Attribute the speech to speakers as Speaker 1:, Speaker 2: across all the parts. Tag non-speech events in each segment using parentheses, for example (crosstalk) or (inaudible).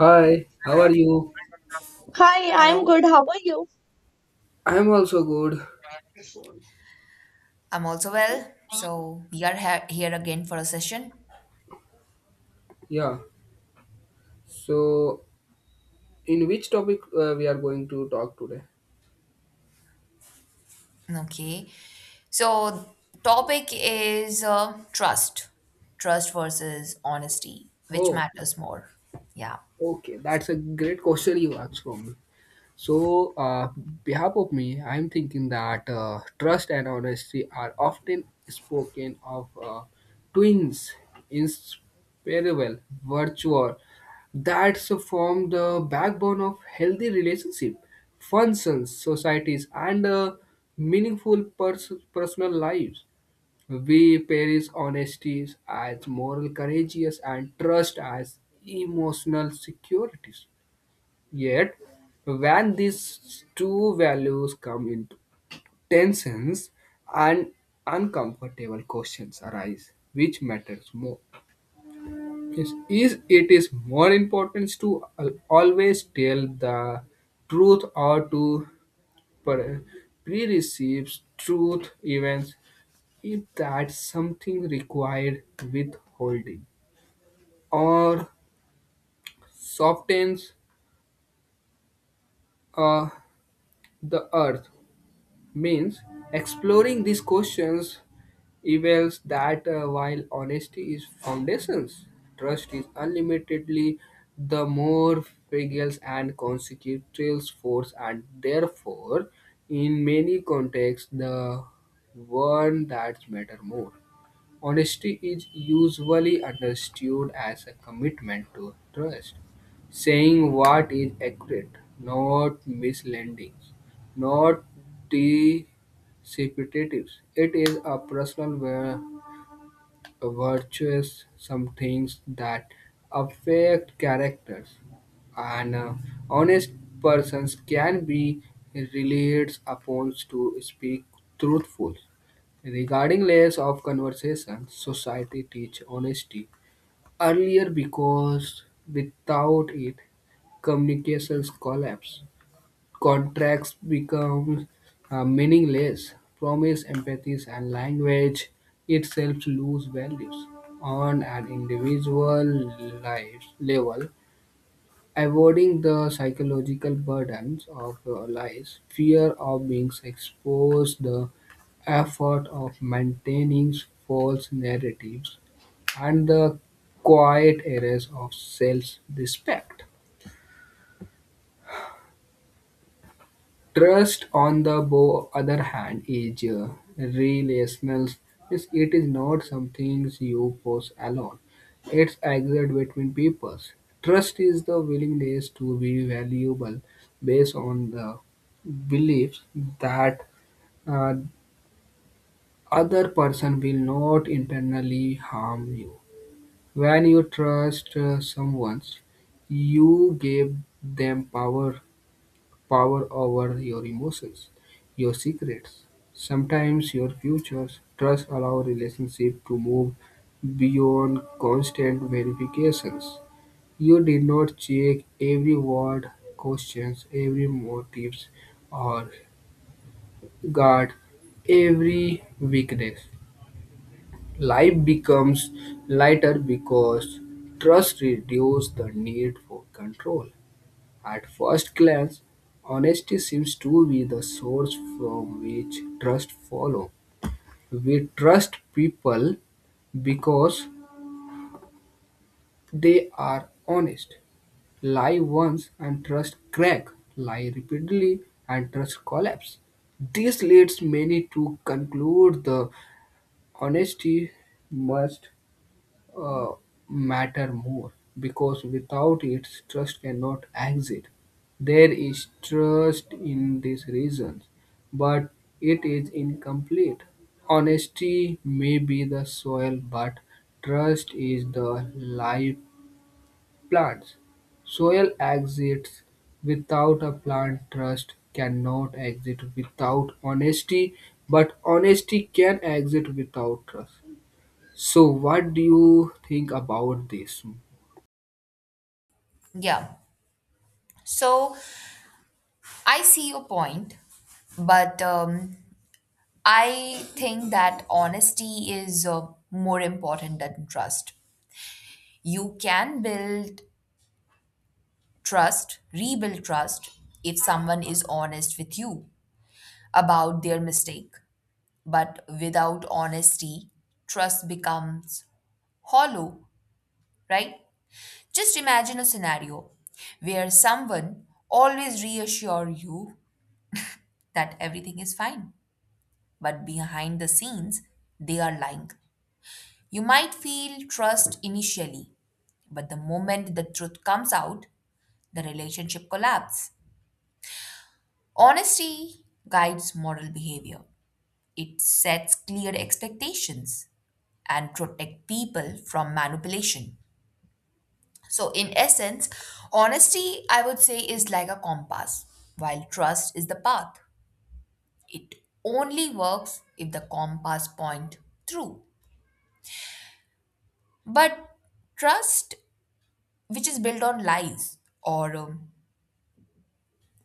Speaker 1: Hi, how are you?
Speaker 2: Hi, I'm
Speaker 3: Hello,
Speaker 2: good. How are you?
Speaker 1: I'm also good.
Speaker 3: I'm also well. So we are here again for a session.
Speaker 1: Yeah. So, in which topic we are going to talk today?
Speaker 3: Okay. So topic is trust, trust versus honesty, which
Speaker 1: Oh,
Speaker 3: matters more. Yeah,
Speaker 1: okay. That's a great question you asked from me. So, uh, Behalf of me, I'm thinking that trust and honesty are often spoken of twins, inseparable virtue that's form the backbone of healthy relationship, functions, societies, and meaningful personal lives. We perish honesty as moral courageous and trust as emotional securities. Yet, when these two values come into tensions and uncomfortable questions arise, which matters more? Is it is more important to always tell the truth or to pre- pre-receive truth events if that something required withholding or softens uh, the earth means exploring these questions reveals that while honesty is foundations, trust is unlimitedly the more fragile and consequential force, and therefore in many contexts the one that matter more. Honesty is usually understood as a commitment to trust, saying what is accurate, not misleading, not deceptive. It is a personal word virtues, some things that affect characters. And Honest persons can be relied upon to speak truthful. Regarding layers of conversation, society teach honesty earlier because without it, communications collapse. Contracts become meaningless; promise, empathy, and language itself lose values on an individual life level, avoiding the psychological burdens of lies, fear of being exposed, the effort of maintaining false narratives, and the quiet errors of self-respect. Trust, on the other hand, is relational. Yes, it is not something you possess alone. It's exist between peoples. Trust is the willingness to be valuable based on the belief that uh, other person will not internally harm you. When you trust someone, you give them power, power over your emotions, your secrets, sometimes your futures. Trust allows relationship to move beyond constant verifications. You did not check every word, questions, every motives, or guard every weakness. Life becomes lighter because trust reduces the need for control. At first glance, honesty seems to be the source from which trust follows. We trust people because they are honest. Lie once and trust crack. Lie repeatedly and trust collapse. This leads many to conclude the honesty must uh, matter more because without it, trust cannot exist. There is trust in these reasons, but it is incomplete. Honesty may be the soil, but trust is the live plants. Soil exists without a plant, trust cannot exist without honesty, but honesty can exist without trust. So, what do you think about this?
Speaker 3: yeah. So I see your point, but I think that honesty is more important than trust. You can build trust, rebuild trust if someone is honest with you about their mistake. But without honesty, trust becomes hollow, right? Just imagine a scenario where someone always reassure you that everything is fine, but behind the scenes, they are lying. You might feel trust initially, but the moment the truth comes out, the relationship collapses. Honesty guides moral behavior. It sets clear expectations and protect people from manipulation. So, in essence, honesty, I would say, is like a compass, while trust is the path. It only works if the compass point through. But trust, which is built on lies or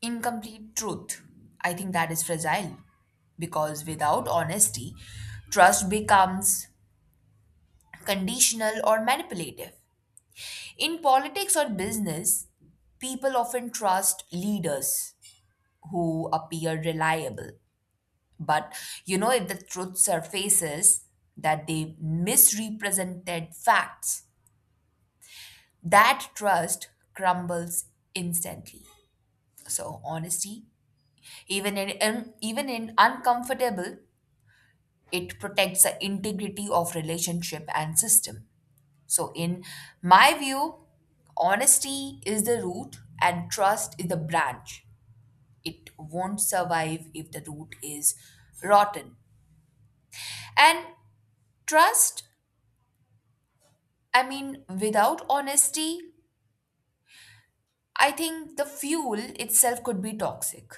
Speaker 3: incomplete truth, I think that is fragile because without honesty, trust becomes conditional or manipulative. In politics or business, people often trust leaders who appear reliable. But you know, if the truth surfaces that they misrepresented facts, that trust crumbles instantly. So honesty, even in uncomfortable, it protects the integrity of relationship and system. So in my view, honesty is the root and trust is the branch. It won't survive if the root is rotten. And trust, I mean, without honesty, I think the fuel itself could be toxic.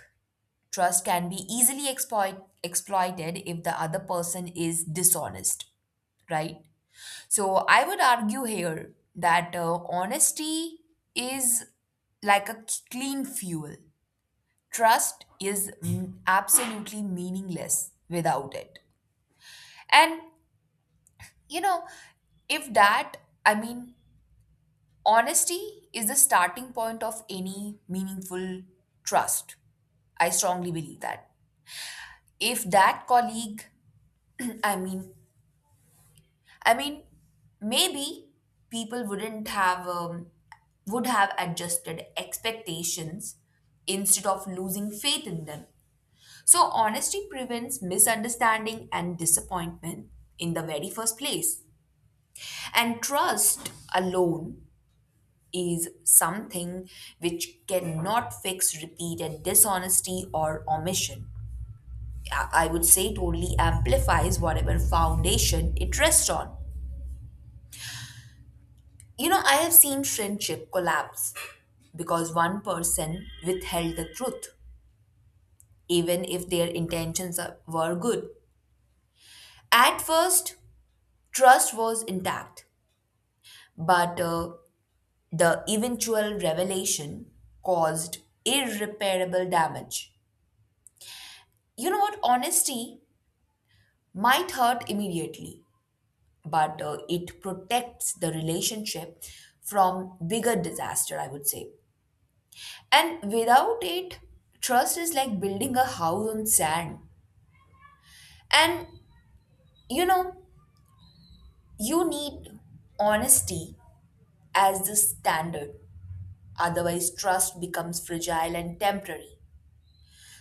Speaker 3: Trust can be easily exploited if the other person is dishonest, right? So I would argue here that honesty is like a clean fuel. Trust is absolutely meaningless without it. And, you know, if that, I mean, honesty is the starting point of any meaningful trust. I strongly believe that. If that colleague, (clears throat) I mean, I mean, maybe people wouldn't have would have adjusted expectations instead of losing faith in them. So honesty prevents misunderstanding and disappointment in the very first place. And trust alone is something which cannot fix repeated dishonesty or omission. I would say totally amplifies whatever foundation it rests on. You know, I have seen friendship collapse because one person withheld the truth, even if their were good. At first, trust was intact, but the eventual revelation caused irreparable damage. You know what? Honesty might hurt immediately, but it protects the relationship from bigger disaster, I would say. And without it, trust is like building a house on sand. And you know, you need honesty as the standard, otherwise, trust becomes fragile and temporary.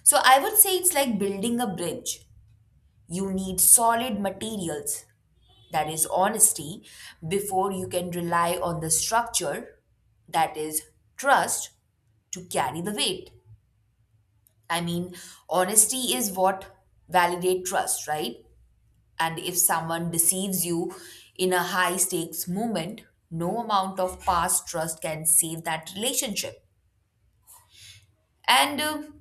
Speaker 3: So, I would say it's like building a bridge. You need solid materials that is honesty, before you can rely on the structure, that is trust, to carry the weight. I mean, honesty is what validate trust, right? And if someone deceives you in a high stakes moment, no amount of past trust can save that relationship. And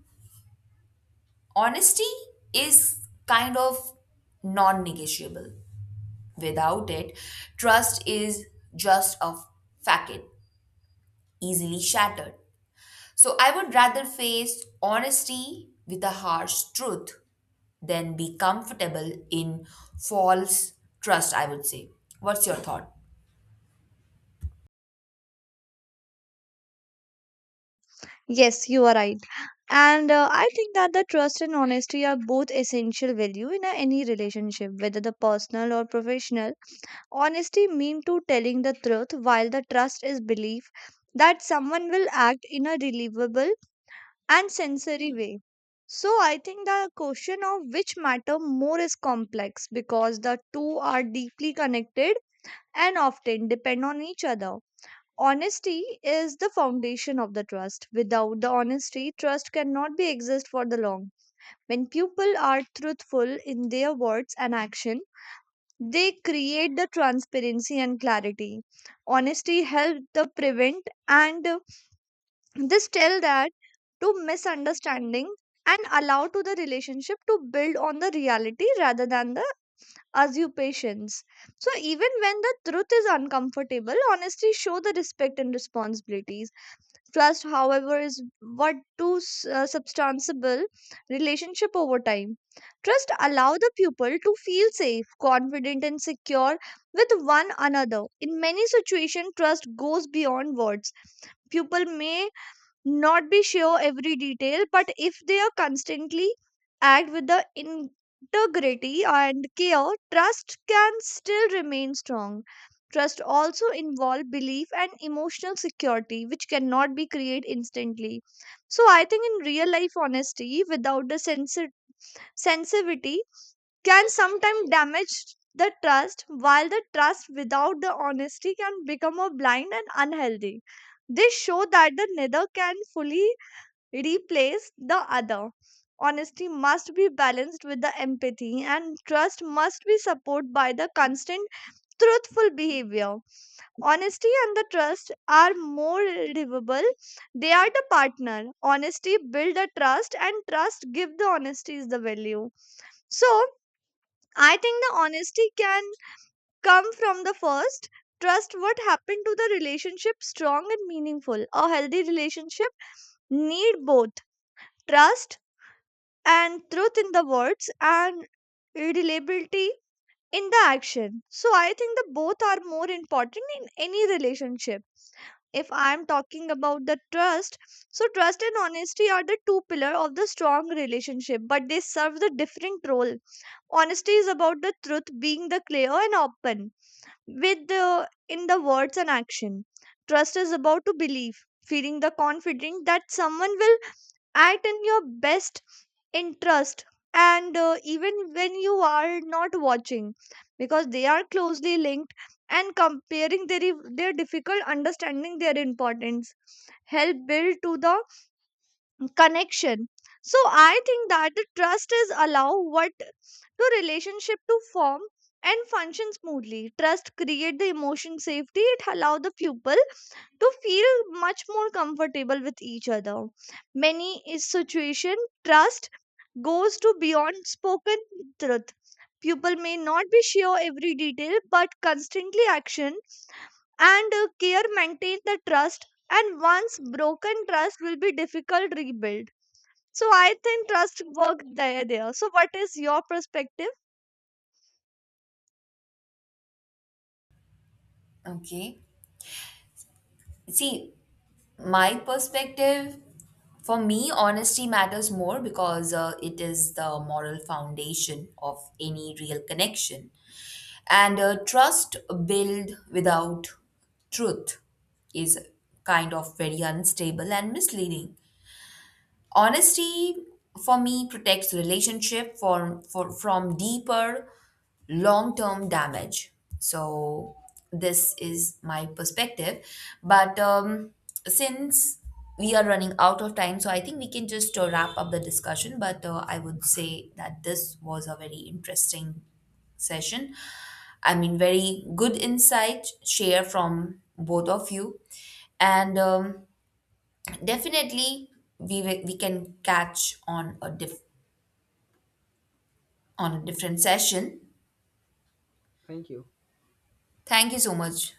Speaker 3: honesty is kind of non negotiable. Without it, trust is just a facade, easily shattered. So I would rather face honesty with a harsh truth than be comfortable in false trust, I would say. What's your thought?
Speaker 2: Yes, you are right. And I think that the trust and honesty are both essential value in a, any relationship, whether the personal or professional. Honesty mean to telling the truth, while the trust is belief that someone will act in a believable and sensory way. So I think the question of which matter more is complex because the two are deeply connected and often depend on each other. Honesty is the foundation of the trust. Without the honesty, trust cannot be exist for the long. When people are truthful in their words and action, they create the transparency and clarity. Honesty help the prevent and this tell that to misunderstanding and allow to the relationship to build on the reality rather than the assumptions. So even when the truth is uncomfortable, honesty show the respect and responsibilities. Trust, however, is what to substantiable relationship over time. Trust allow the pupil to feel safe, confident, and secure with one another. In many situations, trust goes beyond words. Pupil may not be sure every detail, but if they are constantly act with the integrity and care, trust can still remain strong. Trust also involve belief and emotional security, which cannot be created instantly. So I think in real life, honesty without the sensitivity can sometimes damage the trust, while the trust without the honesty can become a blind and unhealthy. They show that the neither can fully replace the other. Honesty must be balanced with the empathy, and trust must be supported by the constant truthful behavior. Honesty and the trust are more livable. They are the partner. Honesty build the trust, and trust give the honesty is the value. So I think the honesty can come from the first trust what happened to the relationship strong and meaningful. A healthy relationship need both trust and truth in the words and reliability in the action. So I think the both are more important in any relationship. If I'm talking about the trust, so trust and honesty are the two pillar of the strong relationship, but they serve the different role. Honesty is about the truth being the clear and open with the in the words and action. Trust is about to believe, feeling the confident that someone will act in your best interest and even when you are not watching because they are closely linked and comparing their difficult understanding their importance help build to the connection. So I think that the trust is allow what to relationship to form and function smoothly. Trust create the emotion safety. It allow the pupil to feel much more comfortable with each other. Many is situation trust goes to beyond spoken truth. People may not be sure every detail, but constantly action and care maintain the trust. And once broken, trust will be difficult rebuild. So I think trust work there. There. So what is your perspective?
Speaker 3: Okay. See, my perspective for me, honesty matters more because it is the moral foundation of any real connection. And trust built without truth is kind of very unstable and misleading. Honesty for me protects relationship for from deeper long-term damage. So this is my perspective. But since we are running out of time, so I think we can just wrap up the discussion. But I would say that this was a very interesting session. I mean, very good insight share from both of you. And definitely, we can catch on a on a different session.
Speaker 1: Thank you.
Speaker 3: Thank you so much.